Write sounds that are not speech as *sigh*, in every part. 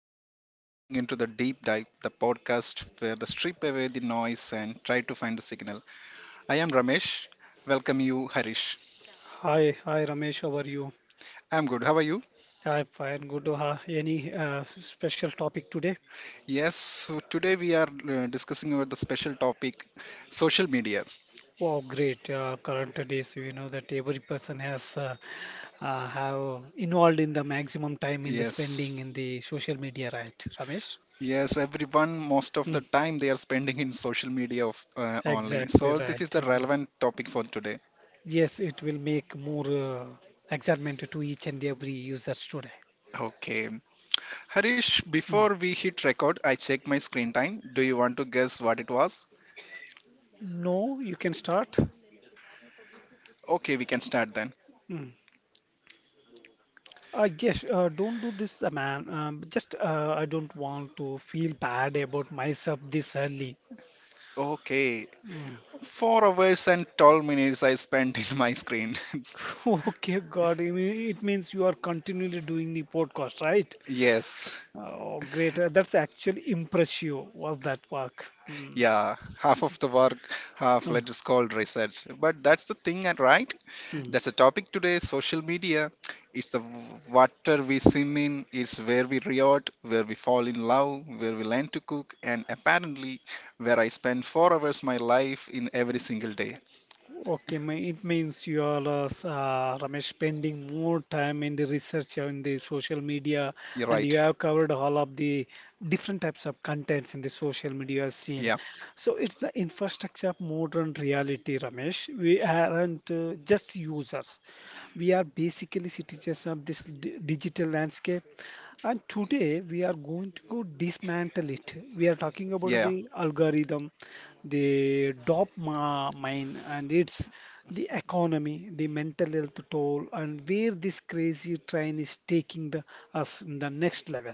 everyone. You are turning into the Deep Dive, the podcast where the strip away the noise and try to find the signal. I am Ramesh. Welcome you, Harish. Hi, Ramesh, how are you? I'm good. How are you? I'm fine. Good. Any special topic today? Yes, so today we are discussing about the special topic, social media. Wow, great. Current days, you know that every person has have involved in the maximum time in the Yes. spending in the social media, right, Ramesh? Yes, everyone, most of the Mm, time they are spending in social media of, only. exactly So, this is right. the relevant topic for today. Yes, it will make more excitement to each and every users today. Okay. Harish, Mm. before we hit record, I checked my screen time. Do you want to guess what it was? No, you can start. Okay, we can start then. Mm. Yes, don't do this, man. Just I don't want to feel bad about myself this early. Okay, Mm. 4 hours and 12 minutes I spent in my screen. *laughs* *laughs* Okay, God, I mean, it means you are continually doing the podcast, right? Yes, Oh, great. That's actually impressive. Was that work? Mm. yeah, half of the work, half let's call research. But that's the thing, and right? Mm. That's the topic today social media. It's the water we swim in, it's where we riot, where we fall in love, where we learn to cook, and apparently where I spend 4 hours my life in every single day. It means you are Ramesh spending more time in the research in the social media, You're and right. you have covered all of the different types of contents in the social media scene. Yeah, So it's the infrastructure of modern reality, Ramesh. We aren't just users; we are basically citizens of this digital landscape. And today we are going to go dismantle it. We are talking yeah. about the algorithm, the mine, and it's the economy, the mental health toll, and where this crazy train is taking us in the next level.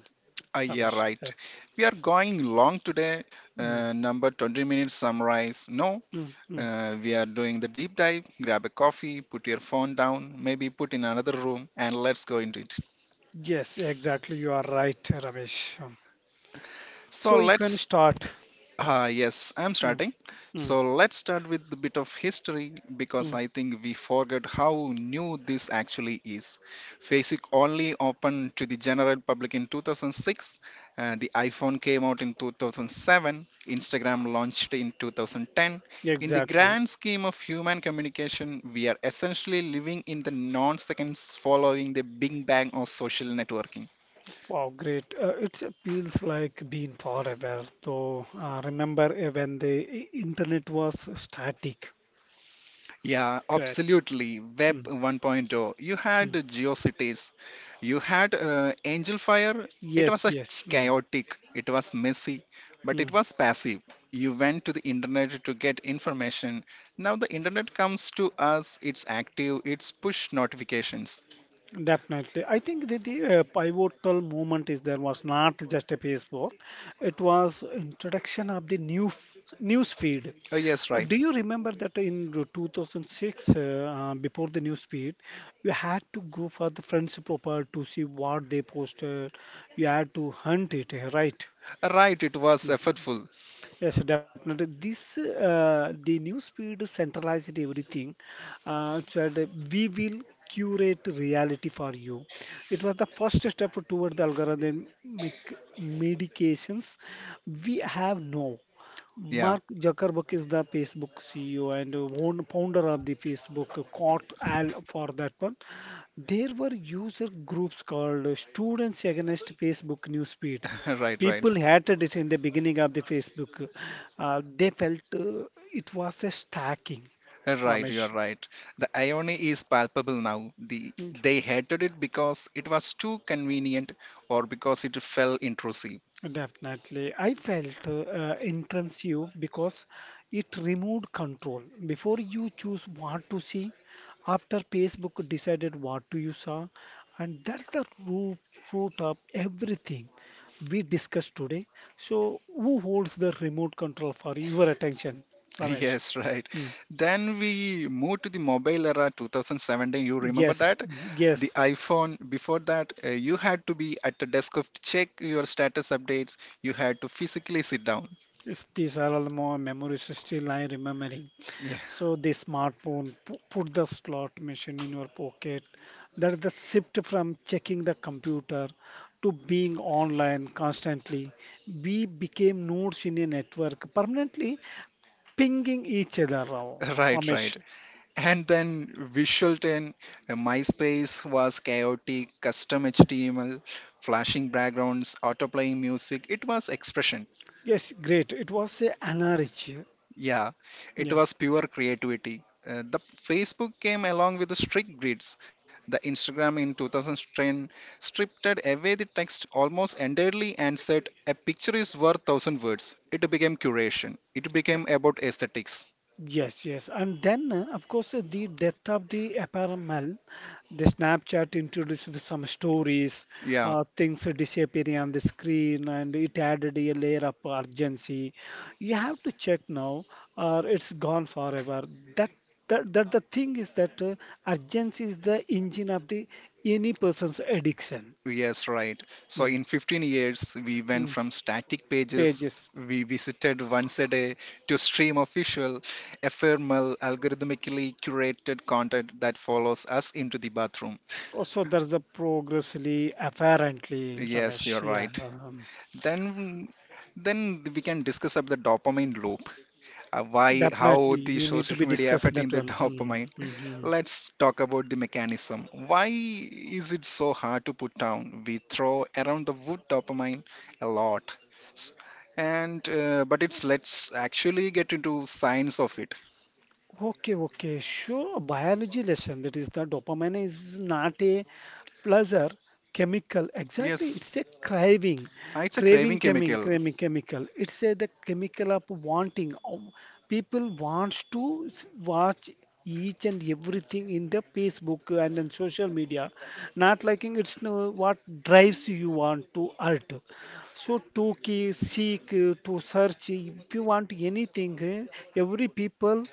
Yeah, Ramesh, right. yes. We are going long today, Mm, number 20 minutes summarize. No, mm, mm. We are doing the deep dive. Grab a coffee, put your phone down, maybe put in another room, and let's go into it. Yes, exactly. You are right, Ramesh. So So you let's can start. Yes, I'm Mm, starting. So mm, let's start with a bit of history because mm. I think we forget how new this actually is. Basic only opened to the general public in 2006. The iPhone came out in 2007. Instagram launched in 2010. In the Exactly. grand scheme of human communication, we are essentially living in the non seconds following the big bang of social networking. Wow, great. It feels like being forever, though. Remember when the internet was static? Yeah, Great. absolutely. Web Mm, 1.0. You had mm. GeoCities, you had Angel Fire. It was Yes, a yes. Chaotic, it was messy, but mm, it was passive. You went to the internet to get information. Now the internet comes to us, it's active, it's push notifications. definitely. I think the pivotal moment is there was not just a Facebook. It was introduction of the new news feed. Oh, yes, right. Do you remember that in the 2006, before the news feed, you had to go for the friend's profile to see what they posted. You had to hunt it, right? Right, it was effortful. Yes, definitely. This the news feed centralized everything. So that we will curate reality for you. It was the first step toward the algorithmic medications we have now. Yeah, Mark Zuckerberg is the Facebook CEO and founder of the Facebook, caught Al for that one. There were user groups called Students Against Facebook Newsfeed *laughs* right, right. people hated it in the beginning of the Facebook. They felt it was a stacking, Right, you're Ramesh. right. The irony is palpable now. Mm. They hated it because it was too convenient or because it felt intrusive. Definitely. I felt intrusive because it removed control. Before you choose what to see, after Facebook decided what to you saw, and that's root of everything we discussed today. So, who holds the remote control for your attention, *laughs* Ramesh? Yes, right. Hmm. Then we moved to the mobile era 2017. You remember Yes, that? The yes. iPhone, before that, you had to be at the desk of check your status updates. You had to physically sit down. Yes, these are all the more memories still I remembering. Yeah, So the smartphone, put the slot machine in your pocket. That's the shift from checking the computer to being online constantly. We became nodes in a network permanently pinging each other. *laughs* right, right. Ramesh. And then Visual 10, MySpace was chaotic, custom HTML, flashing backgrounds, autoplaying music. It was expression. Yes, great. It was a anarchy. Yeah, it Yeah. was pure creativity. The Facebook came along with the strict grids. The Instagram in 2010 stripped away the text almost entirely and said a picture is worth thousand words. It became curation. It became about aesthetics. Yes, yes. And then, of course, the death of the apparel, the Snapchat introduced some stories, Yeah. Things disappearing on the screen, and it added a layer of urgency. You have to check now, or it's gone forever. That that the thing is that urgency is the engine of the any person's addiction. Yes, right. So Mm, in 15 years, we went mm. from static pages Pages. we visited once a day to stream of visual, ephemeral, algorithmically curated content that follows us into the bathroom. Also, there's the progressively, apparently, Yes, Ramesh. you're Yeah. right. Um, Then, then we can discuss about the dopamine loop, why, how definitely, the we need to be social media discussed affecting that the *laughs* one. Hmm, dopamine. hmm, hmm. Let's talk about the mechanism. Why is it so hard to put down? We throw around the word dopamine a lot. S- And but it's let's actually get into science of it. Okay, okay, sure. A biology lesson that is the dopamine is not a pleasure chemical. Exactly, Yes, it's a it's a craving chemical. craving chemical. It's a the chemical of wanting. People wants to watch each and everything in the Facebook and in social media. Not liking it's no what drives you want to art. So to key, seek, to search, if you want anything, eh, every people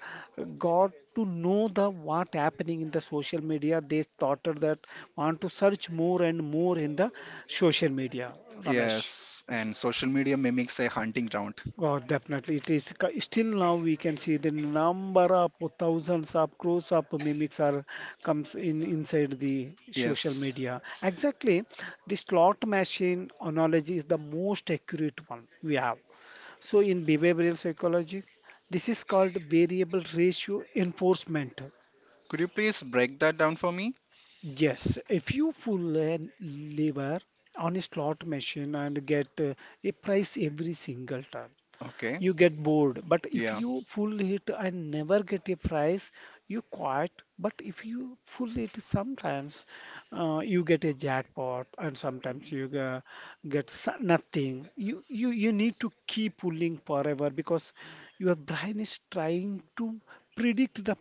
got to know the what happening in the social media. They started that want to search more and more in the social media, Ramesh. Yes, and social media mimics a hunting ground. Oh, definitely. It is still now we can see the number of thousands of crores of mimics are comes in inside the social Yes. media. Exactly, the slot machine analogy is the most accurate one we have. So, in behavioral psychology, this is called variable ratio enforcement. Could you please break that down for me? Yes, if you pull a lever on a slot machine and get a price every single time, Okay. you get bored, but if Yeah. you full it and never get a prize you quit. But if you full it sometimes you get a jackpot and sometimes get nothing. You need to keep pulling forever because your brain is trying to predict the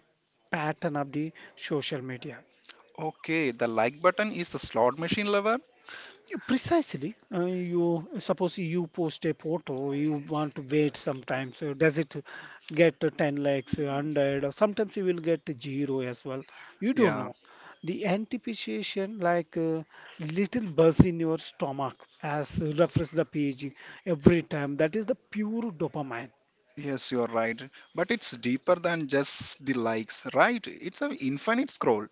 pattern of the social media. Okay, the like button is the slot machine lever. Yeah, precisely. You suppose you post a photo, you want to wait sometimes. So does it get 10 likes, 100, or sometimes you will get zero as well. You don't Yeah. know. The anticipation, like little buzz in your stomach, as refresh the page every time. That is the pure dopamine. Yes, you are right. But it's deeper than just the likes, right? It's an infinite scroll.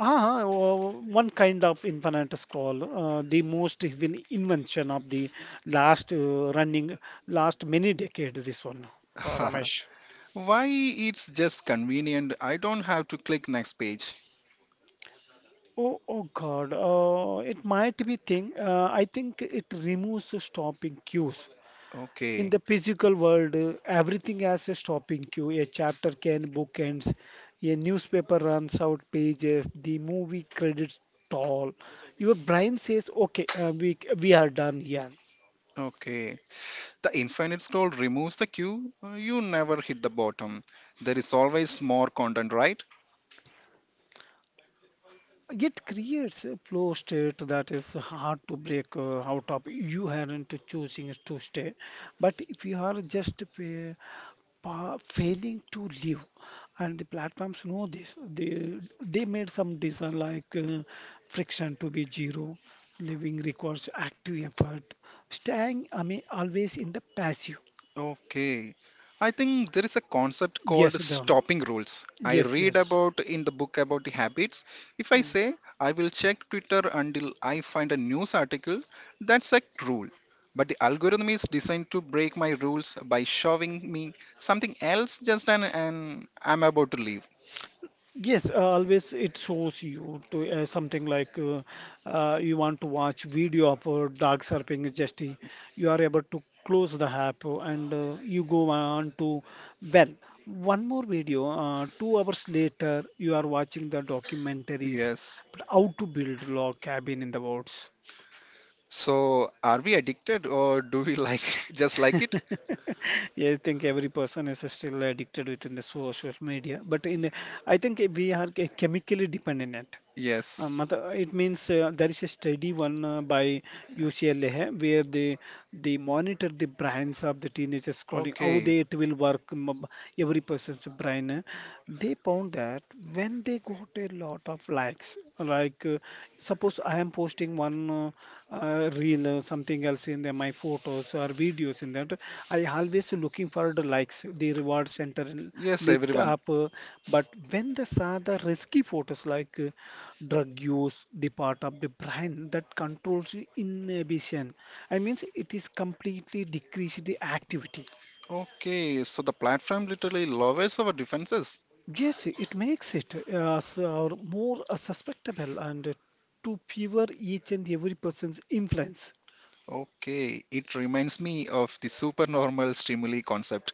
Ah, oh, one kind of infinite scroll, the most evil invention of the last uh, running last many decade. This one, Ramesh. *laughs* Why it's just convenient. I don't have to click next page. Oh, oh God, it might be thing. I think it removes the stopping cues. In Okay, the physical world, everything has a stopping cue. A chapter can book ends, a newspaper runs out pages, the movie credits stall. Your brain says, "Okay, we are done here." okay. The infinite scroll removes the queue. You never hit the bottom. There is always more content, right? It creates a flow state that is hard to break out of. You aren't choosing to stay, but if you are just failing to live, and the platforms know this, they made some design like friction to be zero. Living requires active effort. Staying, I mean, always in the passive. Okay. I think there is a concept called Yes, Dhaval. stopping rules. I Yes, read yes. about in the book about the habits. If I say I will check Twitter until I find a news article, that's a rule. But the algorithm is designed to break my rules by showing me something else just an I'm about to leave. Yes, always it shows you to something like you want to watch video of dog surfing just you are able to close the app and you go on to well one more video 2 hours later you are watching the documentaries Yes. but how to build log cabin in the woods. So are we addicted or do we like *laughs* just like it? *laughs* Yeah, I think every person is still addicted within the social media, but in I think we are chemically dependent on it. Yes. matlab, it means there is a study one by UCLA hai, where they monitor the brains of the teenagers scrolling how Okay. they it will work. Um, every person's brain, they found that when they got a lot of likes, like suppose I am posting one reel or something else in there, my photos or videos in that, I always looking for the likes, the reward center Yes, lit everyone. up, but when they saw the risky photos like drug use, the part of the brain that controls inhibition, I means it is completely decrease the activity. Okay, so the platform literally lowers our defenses. Yes, it makes it so more susceptible and to fewer each and every person's influence. Okay, it reminds me of the supernormal stimuli concept.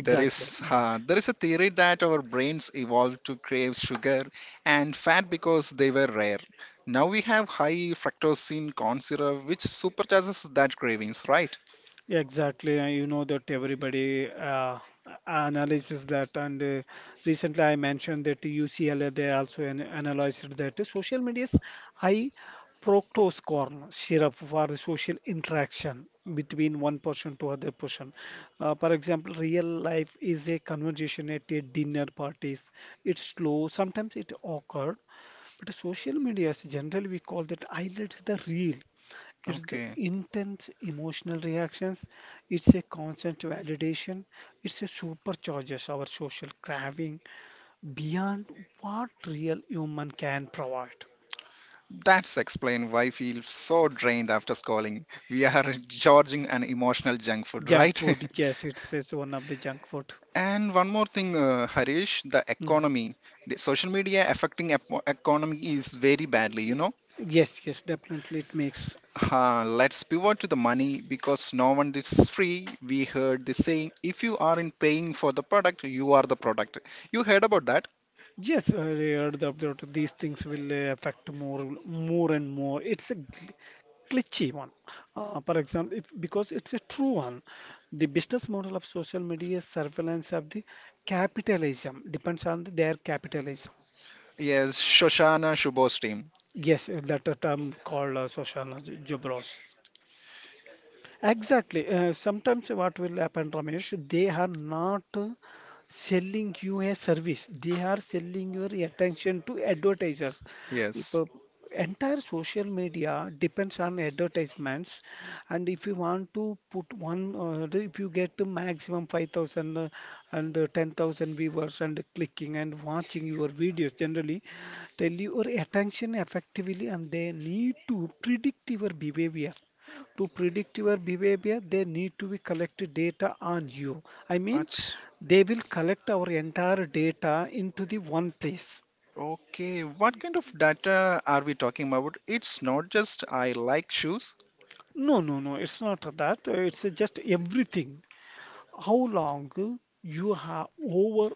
There is Mm. A theory that our brains evolved to crave sugar and fat because they were rare. Now we have high fructose in corn syrup, which supercharges that cravings, right? Yeah, exactly, you know that everybody analyzes that, and recently I mentioned that UCLA they also an analyzed that the social media's high fructose corn syrup for the social interaction between one person to other person. For example, real life is a conversation at a dinner parties. It's slow, sometimes it occurred, but social media is generally we call that highlights the real. It's the Okay, intense emotional reactions. It's a constant validation. It's a supercharges our social craving beyond what real human can provide. that's explain why I feel so drained after scrolling. We are *laughs* gorging on emotional junk food, Junk right? food, *laughs* yes, it says one of the junk food. And one more thing, Harish, the Mhm. economy, the social media affecting economy is very badly. You Y- know, Yes, yes, definitely it makes. Let's pivot to the money because no one is free. We heard the saying, if you aren't paying for the product, you are the product. You heard about that? Yes, I heard the update. These things will affect more and more. It's a glitchy one. For example, if, because it's a true one, the business model of social media surveillance of the capitalism depends on their capitalism. Yes, Shoshana Shubo's team. Yes, that a term called social jobros. Exactly. Sometimes what will happen, Ramesh, they are not selling you a service. They are selling your attention to advertisers. If, Yes. Entire social media depends on advertisements, and if you want to put one, the- if you get the maximum 5,000 and 10,000 viewers and clicking and watching your videos generally, tell your attention effectively, and they need to predict your behavior. To predict your behavior, they need to be collected data on you. I mean, Ach- they will collect our entire data into the one place. Okay, what kind of data are we talking about? It's not just I like shoes. No, no, no, it's not that. It's just everything. How long you have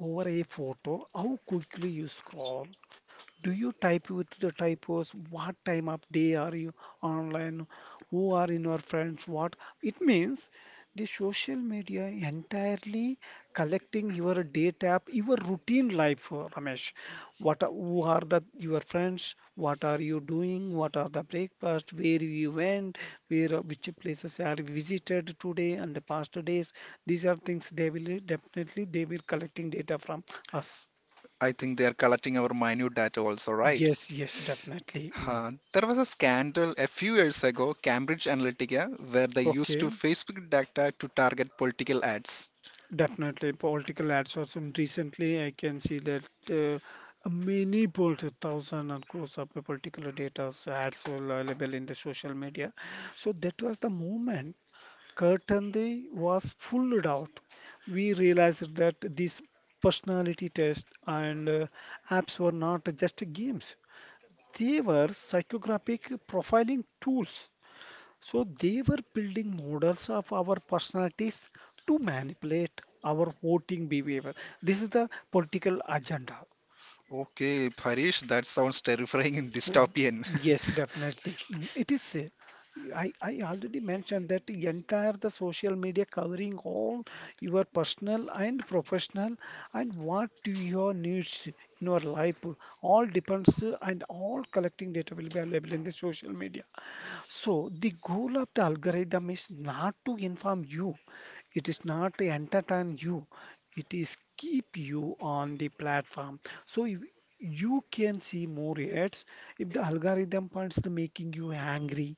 over a photo, how quickly you scroll. Do you type with the typos? What time of day are you online? Who are in your friends? What it means? The social media entirely collecting your day tap, your routine life, Ramesh. What are, who are the your friends? What are you doing? What are the breakfast? Where you went? Where which places are visited today and the past days? These are things they will definitely they will collecting data from us. I think they are collecting our minute data also, right? Yes, yes, definitely. Mm. Huh. There was a scandal a few years ago, Cambridge Analytica, where they used to Okay. Facebook data to target political ads. Definitely, political ads also. And recently, I can see that many polls, thousand and crores of particular data ads were available in the social media. So that was the moment Curtain Day was full out. We realized that these personality tests and apps were not just games; they were psychographic profiling tools. So they were building models of our personalities to manipulate our voting behavior. This is the political agenda. Okay, Parish, that sounds terrifying and Uh, dystopian. Yes, *laughs* definitely. Mm, it is. I already mentioned that the entire the social media covering all your personal and professional and what do your needs in your life all depends and all collecting data will be available in the social media. So the goal of the algorithm is not to inform you, it is not to entertain you, it is keep you on the platform. So if you can see more ads, if the algorithm points to making you angry,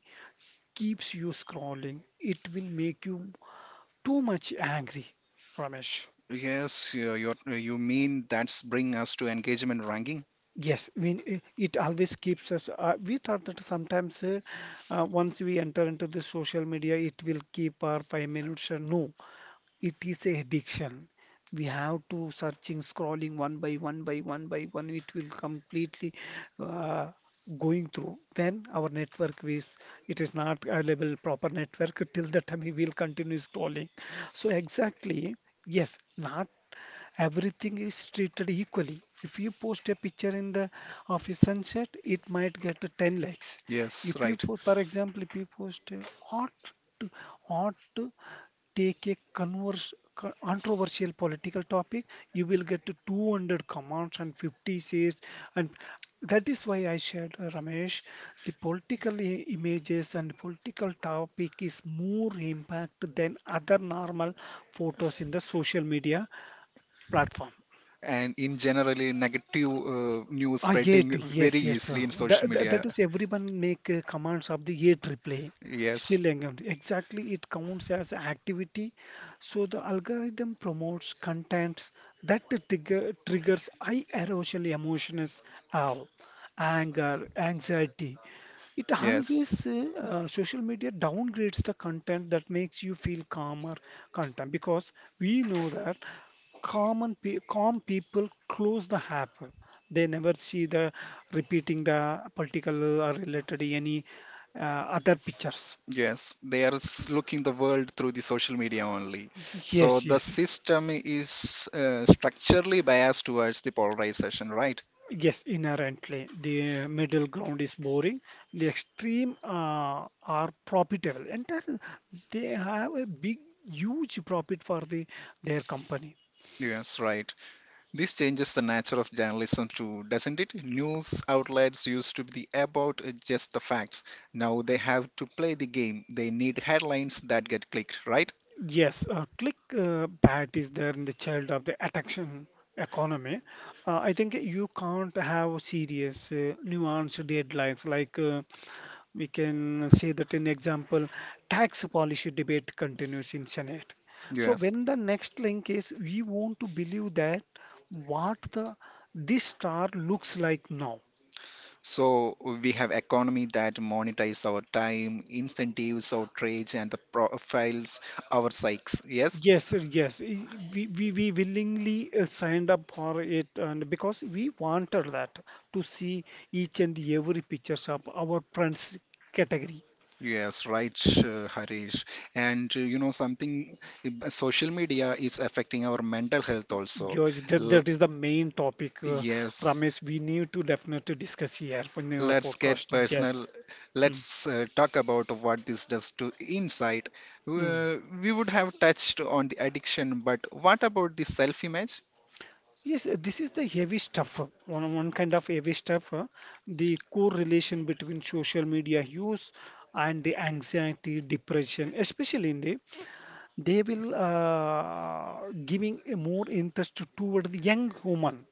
keeps you scrolling, it will make you too much angry, Ramesh. Yes, you mean that's bring us to engagement ranking? Yes, it always keeps us. We thought that sometimes once we enter into the social media, it will keep our 5 minutes. No, it is a addiction, we have to searching scrolling one by one by one by one, it will completely uh, going through when our network is, it is not available proper network, till the time we will continue scrolling. So exactly, yes, not everything is treated equally. If you post a picture in the of a sunset, it might get a 10 likes. Yes, If you, right. for example, if you post a ought to ought to take a controversial political topic, you will get to 200 comments and 50 says, and that is why I shared, Ramesh, the images and political topic is more impact than other normal photos in the social media platform. And in generally, negative news Ah, yet, spreading very yes, yes. Uh, easily in social that, that, that media. is everyone make commands of the yet replaying. Yes, Still engaged. Exactly, it counts as activity. So the algorithm promotes contents that the triggers high erosional emotions, uh, anger, anxiety. It yes. always social media downgrades the content that makes you feel calmer content because we know that common pe calm people close the app. They never see the repeating the political or related any uh, other pictures. Yes, they are looking the world through the social media only. So Yes, the yes, system is structurally biased towards the polarization, right? yes, inherently. The middle ground is boring. The extreme are profitable, and that, they have a big, huge profit for the their company. Yes, right. This changes the nature of journalism too, doesn't it? News outlets used to be about just the facts. Now they have to play the game. They need headlines that get clicked, right? Yes, click bat is there in the child of the attraction economy. I think you can't have serious, nuanced deadlines. Like we can say that in example, tax policy debate continues in Senate. So Yes. when the next link is, we want to believe that what the this star looks like now. So we have economy that monetize our time, incentives, outrage, and the profiles our psyches. Yes. Yes, sir, yes. We willingly signed up for it and because we wanted that to see each and every pictures of our friends category. Yes, right, Harish. And you know something, social media is affecting our mental health also. George, L that is the main topic, Yes, Ramesh, we need to definitely discuss here in our let's get podcast. Yes. personal. Mm. Let's talk about what this does to insight. Mm. We would have touched on the addiction, but what about the self-image? Yes, this is the heavy stuff, one kind of heavy stuff, the correlation between social media use and the anxiety, depression, especially in the they will giving a more interest toward the young woman.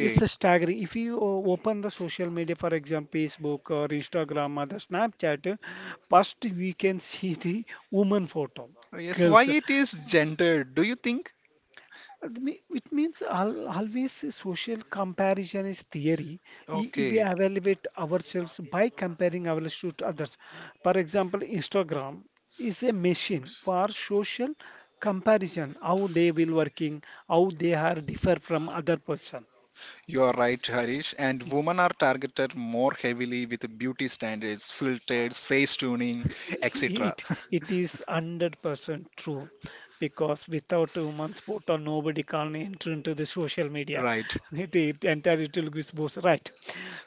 It's a staggering. If you open the social media, for example, Facebook or Instagram or the Snapchat, first we can see the woman photo, Yes, why girls. it is gendered, do you think? It means always a social comparison is theory. If we Okay. evaluate ourselves by comparing ourselves to others. For example, Instagram is a machine for social comparison, how they will working, how they are differ from other person. You are right, Harish. And women are targeted more heavily with beauty standards, filters, face tuning, etc. It *laughs* is 100% true because without a woman's portal, nobody can enter into the social media. Right. It entirely Telugu is both right.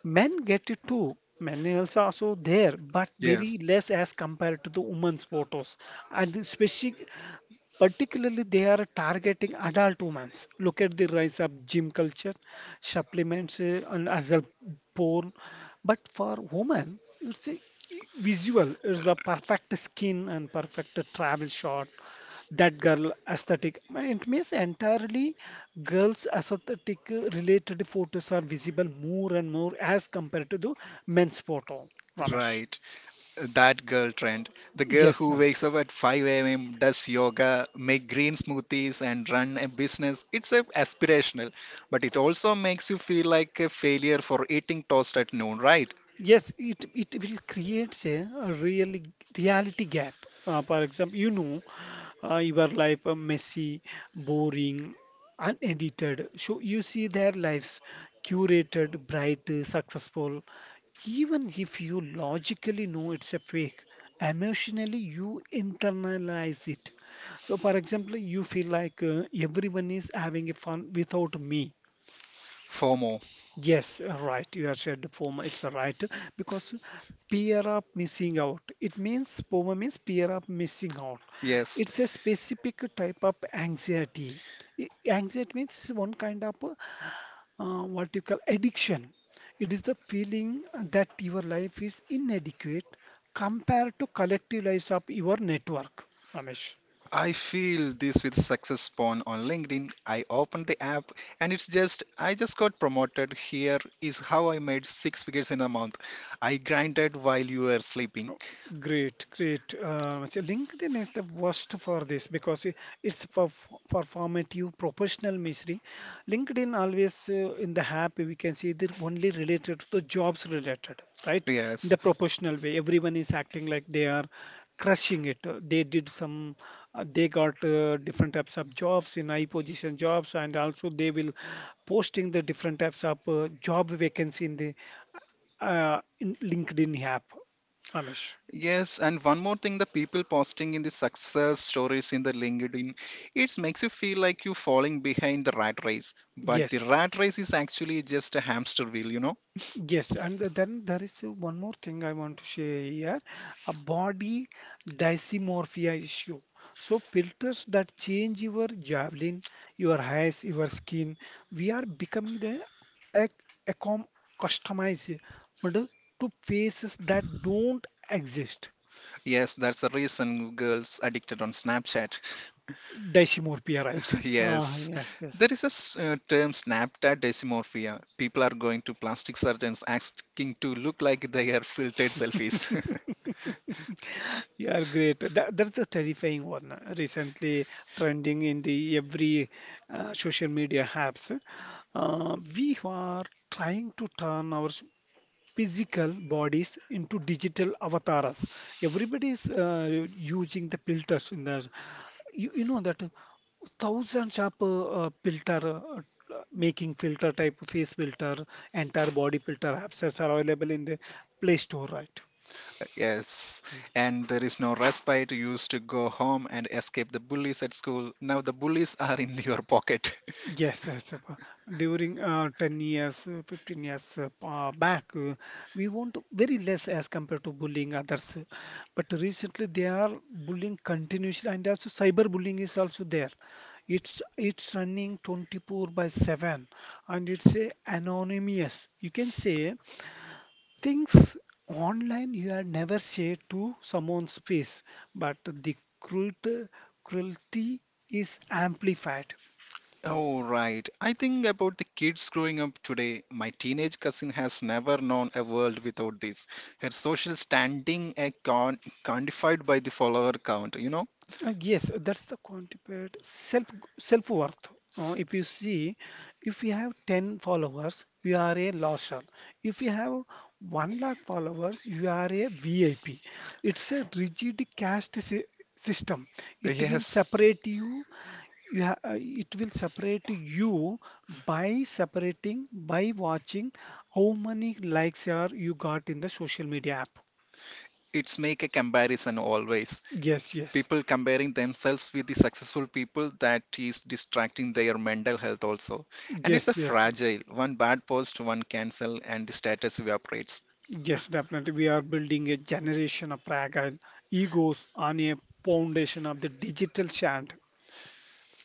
Men get it too. Men also there, but very Yes. less as compared to the women's photos, and especially particularly they are targeting adult women. Look at the rise of gym culture, supplements, and as well porn. But for women, it's a visual. It's the perfect skin and perfect travel shot. That girl aesthetic. It means entirely girls' aesthetic related photos are visible more and more as compared to the men's photo. Ramesh. Right. That girl trend. The girl Yes, who sir. wakes up at 5 a.m., does yoga, make green smoothies, and run a business. It's a aspirational, but it also makes you feel like a failure for eating toast at noon, right? Yes, it will create a really reality gap. For example, you know, your life messy, boring, unedited. So you see their lives curated, bright, successful. Even if you logically know it's a fake, emotionally you internalize it. So, for example, you feel like everyone is having a fun without me. FOMO. Yes, right. You have said the former. It's a right because peer-up missing out. It means former means peer-up missing out. Yes. It's a specific type of anxiety. Anxiety means one kind of what you call addiction. It is the feeling that your life is inadequate compared to collective lives of your network, Ramesh. I feel this with Success Spawn on LinkedIn. I opened the app and it's just, I just got promoted. Here is how I made 6 figures in a month. I grinded while you were sleeping. Great, great. So LinkedIn is the worst for this because it's for formative professional misery. LinkedIn always in the app we can see they're only related to the jobs related, right? In the Yes, professional way, everyone is acting like they are crushing it. They did some, they got different types of jobs in high position jobs, and also they will posting the different types of job vacancy in the in LinkedIn app. Ramesh. yes. And one more thing the people posting in the success stories in the LinkedIn, it makes you feel like you're falling behind the rat race. But the Yes, rat race is actually just a hamster wheel, you know? yes, and then there is one more thing I want to share here, a body dysmorphia issue. So filters that change your javelin, your eyes, your skin, we are becoming the ac- accom customized but to faces that don't exist. Yes, that's the reason girls addicted on Snapchat. Dysmorphia, right? Ah, Yes, yes, yes. there is a term Snapchat dysmorphia. People are going to plastic surgeons asking to look like they are filtered selfies. *laughs* You are great. That's the terrifying one. Uh, recently trending in the every social media apps. We are trying to turn our physical bodies into digital avatars. Everybody is using the filters in the you know that thousands of filter making filter type face filter entire body filter apps are available in the Play Store, right? Yes, and there is no respite. You used to go home and escape the bullies at school. Now the bullies are in your pocket. *laughs* Yes, yes. During 10 years, 15 years back, we want very less as compared to bullying others. Uh, but recently, they are bullying continuously, and also cyber bullying is also there. It's running 24 by 7, and it's anonymous. You can say things online you had never said to someone's face, but the cruelty is amplified. Oh, right. I think about the kids growing up today. My teenage cousin has never known a world without this. Her social standing is quantified by the follower count, you know? Yes, that's the quantified self self worth. If you see, if you have 10 followers, you are a loser. If you have 1 lakh followers, you are a VIP. It's a system. It will Yes, separate you. You ha It will separate you by separating, by watching how many likes are you got in the social media app. it's make a comparison always, Yes, yes, people comparing themselves with the successful people that is distracting their mental health also, and it's a yes, yes. fragile one bad post one cancel and the status evaporates Yes, definitely. We are building a generation of fragile egos on a foundation of the digital chant.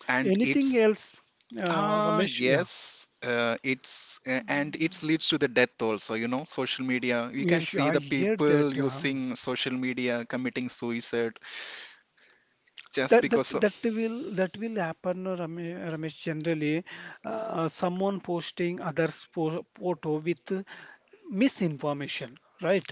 and Anything it's else, ah Ramesh? Yeah, yes, it's and it leads to the death also, you know social media you can yes, see I the hear people that. Using social media committing suicide just that, that because of that will that will happen Ramesh, generally someone posting others photo with misinformation, right,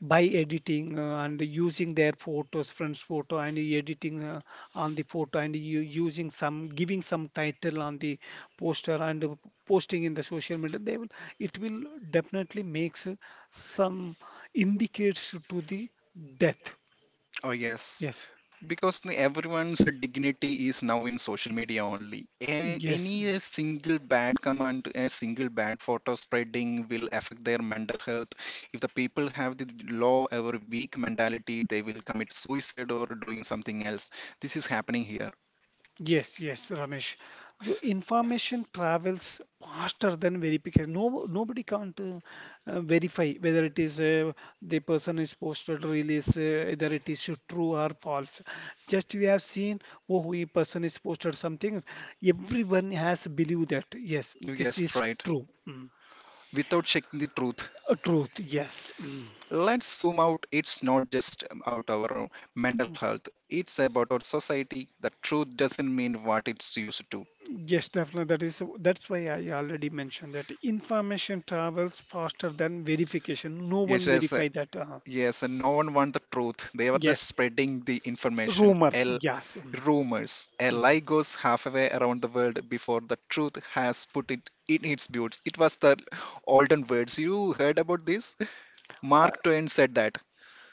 by editing and using their photos, friends' photo, and editing on the photo, and you using some, giving some title on the poster, and posting in the social media. They will, it will definitely makes some indicates to the death. oh yes. Yes, Because everyone's dignity is now in social media only. Yes. Any single bad comment, a single bad photo spreading will affect their mental health. If the people have the low or weak mentality, they will commit suicide or doing something else. This is happening here. Yes, yes, Ramesh. Your information travels faster than verification. No, Nobody can't verify whether it is the person is posted release, whether it is true or false. Just we have seen, oh, we person is posted something. Everyone has believed that. Yes, this is Yes, right. true. Mm. Without checking the truth. A truth, yes. Mm. Let's zoom out. It's not just about our own mental health. It's about our society. The truth doesn't mean what it's used to. Yes, definitely. That's why I already mentioned that information travels faster than verification. No Yes, one yes, verify that. Uh, Yes, and no one want the truth. They were just yes, spreading the information. rumors. L Yes. Mm, Rumors. A mm. lie goes halfway around the world before the truth has put it in its boots. It was the olden words. You heard about this? Mark Twain said that.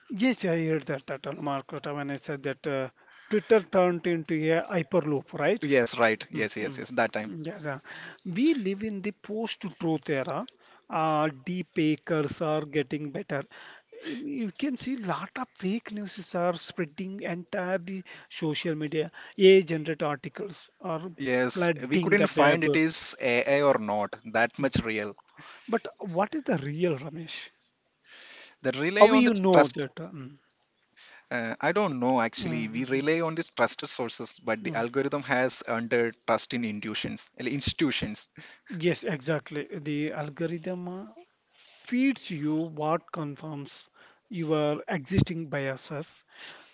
Yes, I heard that, that on Market when I said that Twitter turned into a hyperloop, right? Yes, right. Mm, Yes, yes, mm. yes. That time. Yes, we live in the post-truth era. Deep fakers are getting better. You can see lot of fake news are spreading entire the social media. AI-generated articles are Yes, we flooding the couldn't find web. it is AI or not. That much real. But what is the real, Ramesh? The How rely will on the you know trust. that? Uh, mm? I don't know actually. We Mhm. rely on these trusted sources, but the Mm. algorithm has under trust in intuitions, institutions. Yes, exactly. The algorithm feeds you what confirms your existing biases.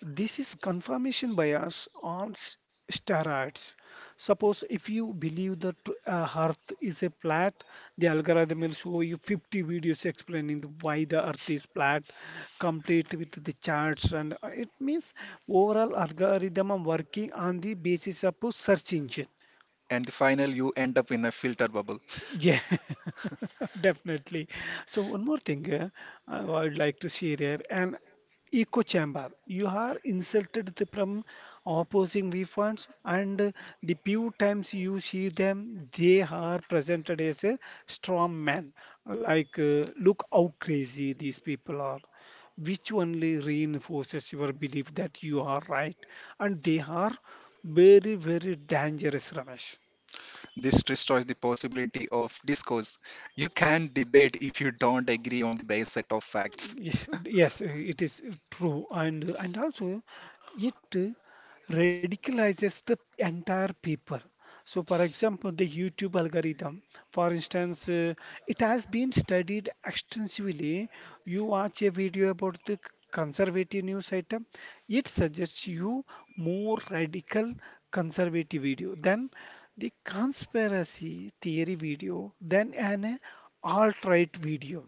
This is confirmation bias on s- steroids. Suppose if you believe that Earth is a flat, the algorithm will show you 50 videos explaining the, why the Earth is flat, complete with the charts, and it means overall algorithm are working on the basis of a search engine. And the final you end up in a filter bubble. Yeah, *laughs* definitely. So one more thing I would like to share here, an echo chamber. You are insulted to from opposing viewpoints, and the few times you see them, they are presented as a strong man. Like, look how crazy these people are, which only reinforces your belief that you are right and they are very very dangerous, Ramesh. This destroys the possibility of discourse. You can debate if you don't agree on the base set of facts. Yes, yes, it is true, and also it radicalizes the entire people. So, for example, the YouTube algorithm, for instance, it has been studied extensively. You watch a video about the conservative news item, it suggests you more radical conservative video than the conspiracy theory video than an alt-right video.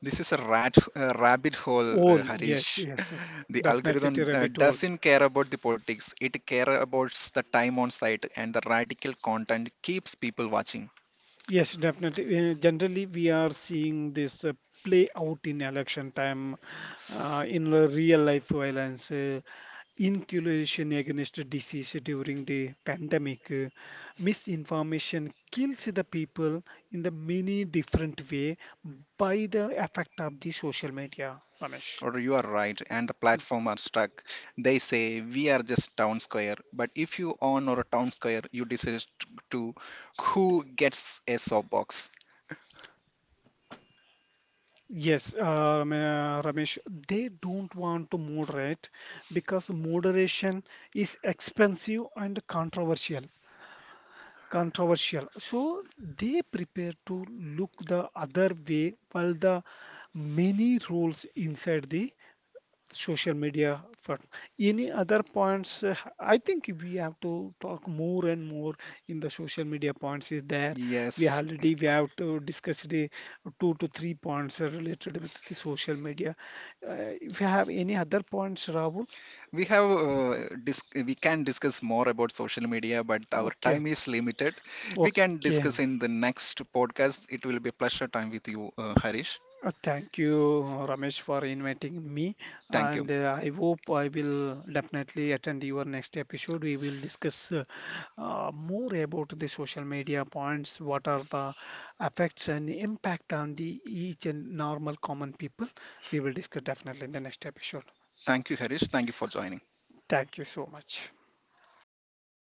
This is a rabbit hole, All, yes, Harish. *laughs* yes, The definitely to algorithm rabbit hole. doesn't care about the politics; it cares about the time on site, and the radical content keeps people watching. Yes, definitely. Generally, we are seeing this play out in election time, in the real life violence, inoculation against disease during the pandemic. Uh, misinformation kills the people in the many different way by the effect of the social media, Ramesh. Or you are right and the platform are stuck, they say we are just town square but if you own or a town square you decide to who gets a soapbox. Yes, Ramesh, they don't want to moderate because moderation is expensive and controversial. Controversial. So they prepare to look the other way while the many roles inside the social media. For any other points, I think we have to talk more and more in the social media points is there. We Yes, already we have to discuss the 2 to 3 points related with the social media, uh, if you have any other points, Rahul. we have we can discuss more about social media but our Okay, time is limited. We can okay. discuss in the next podcast, it will be a pleasure time with you, Harish. Thank you, Ramesh, for inviting me, Thank you. and I hope I will definitely attend your next episode. We will discuss more about the social media points, what are the effects and impact on the each and normal common people. We will discuss definitely in the next episode. Thank you Harish, thank you for joining. Thank you so much.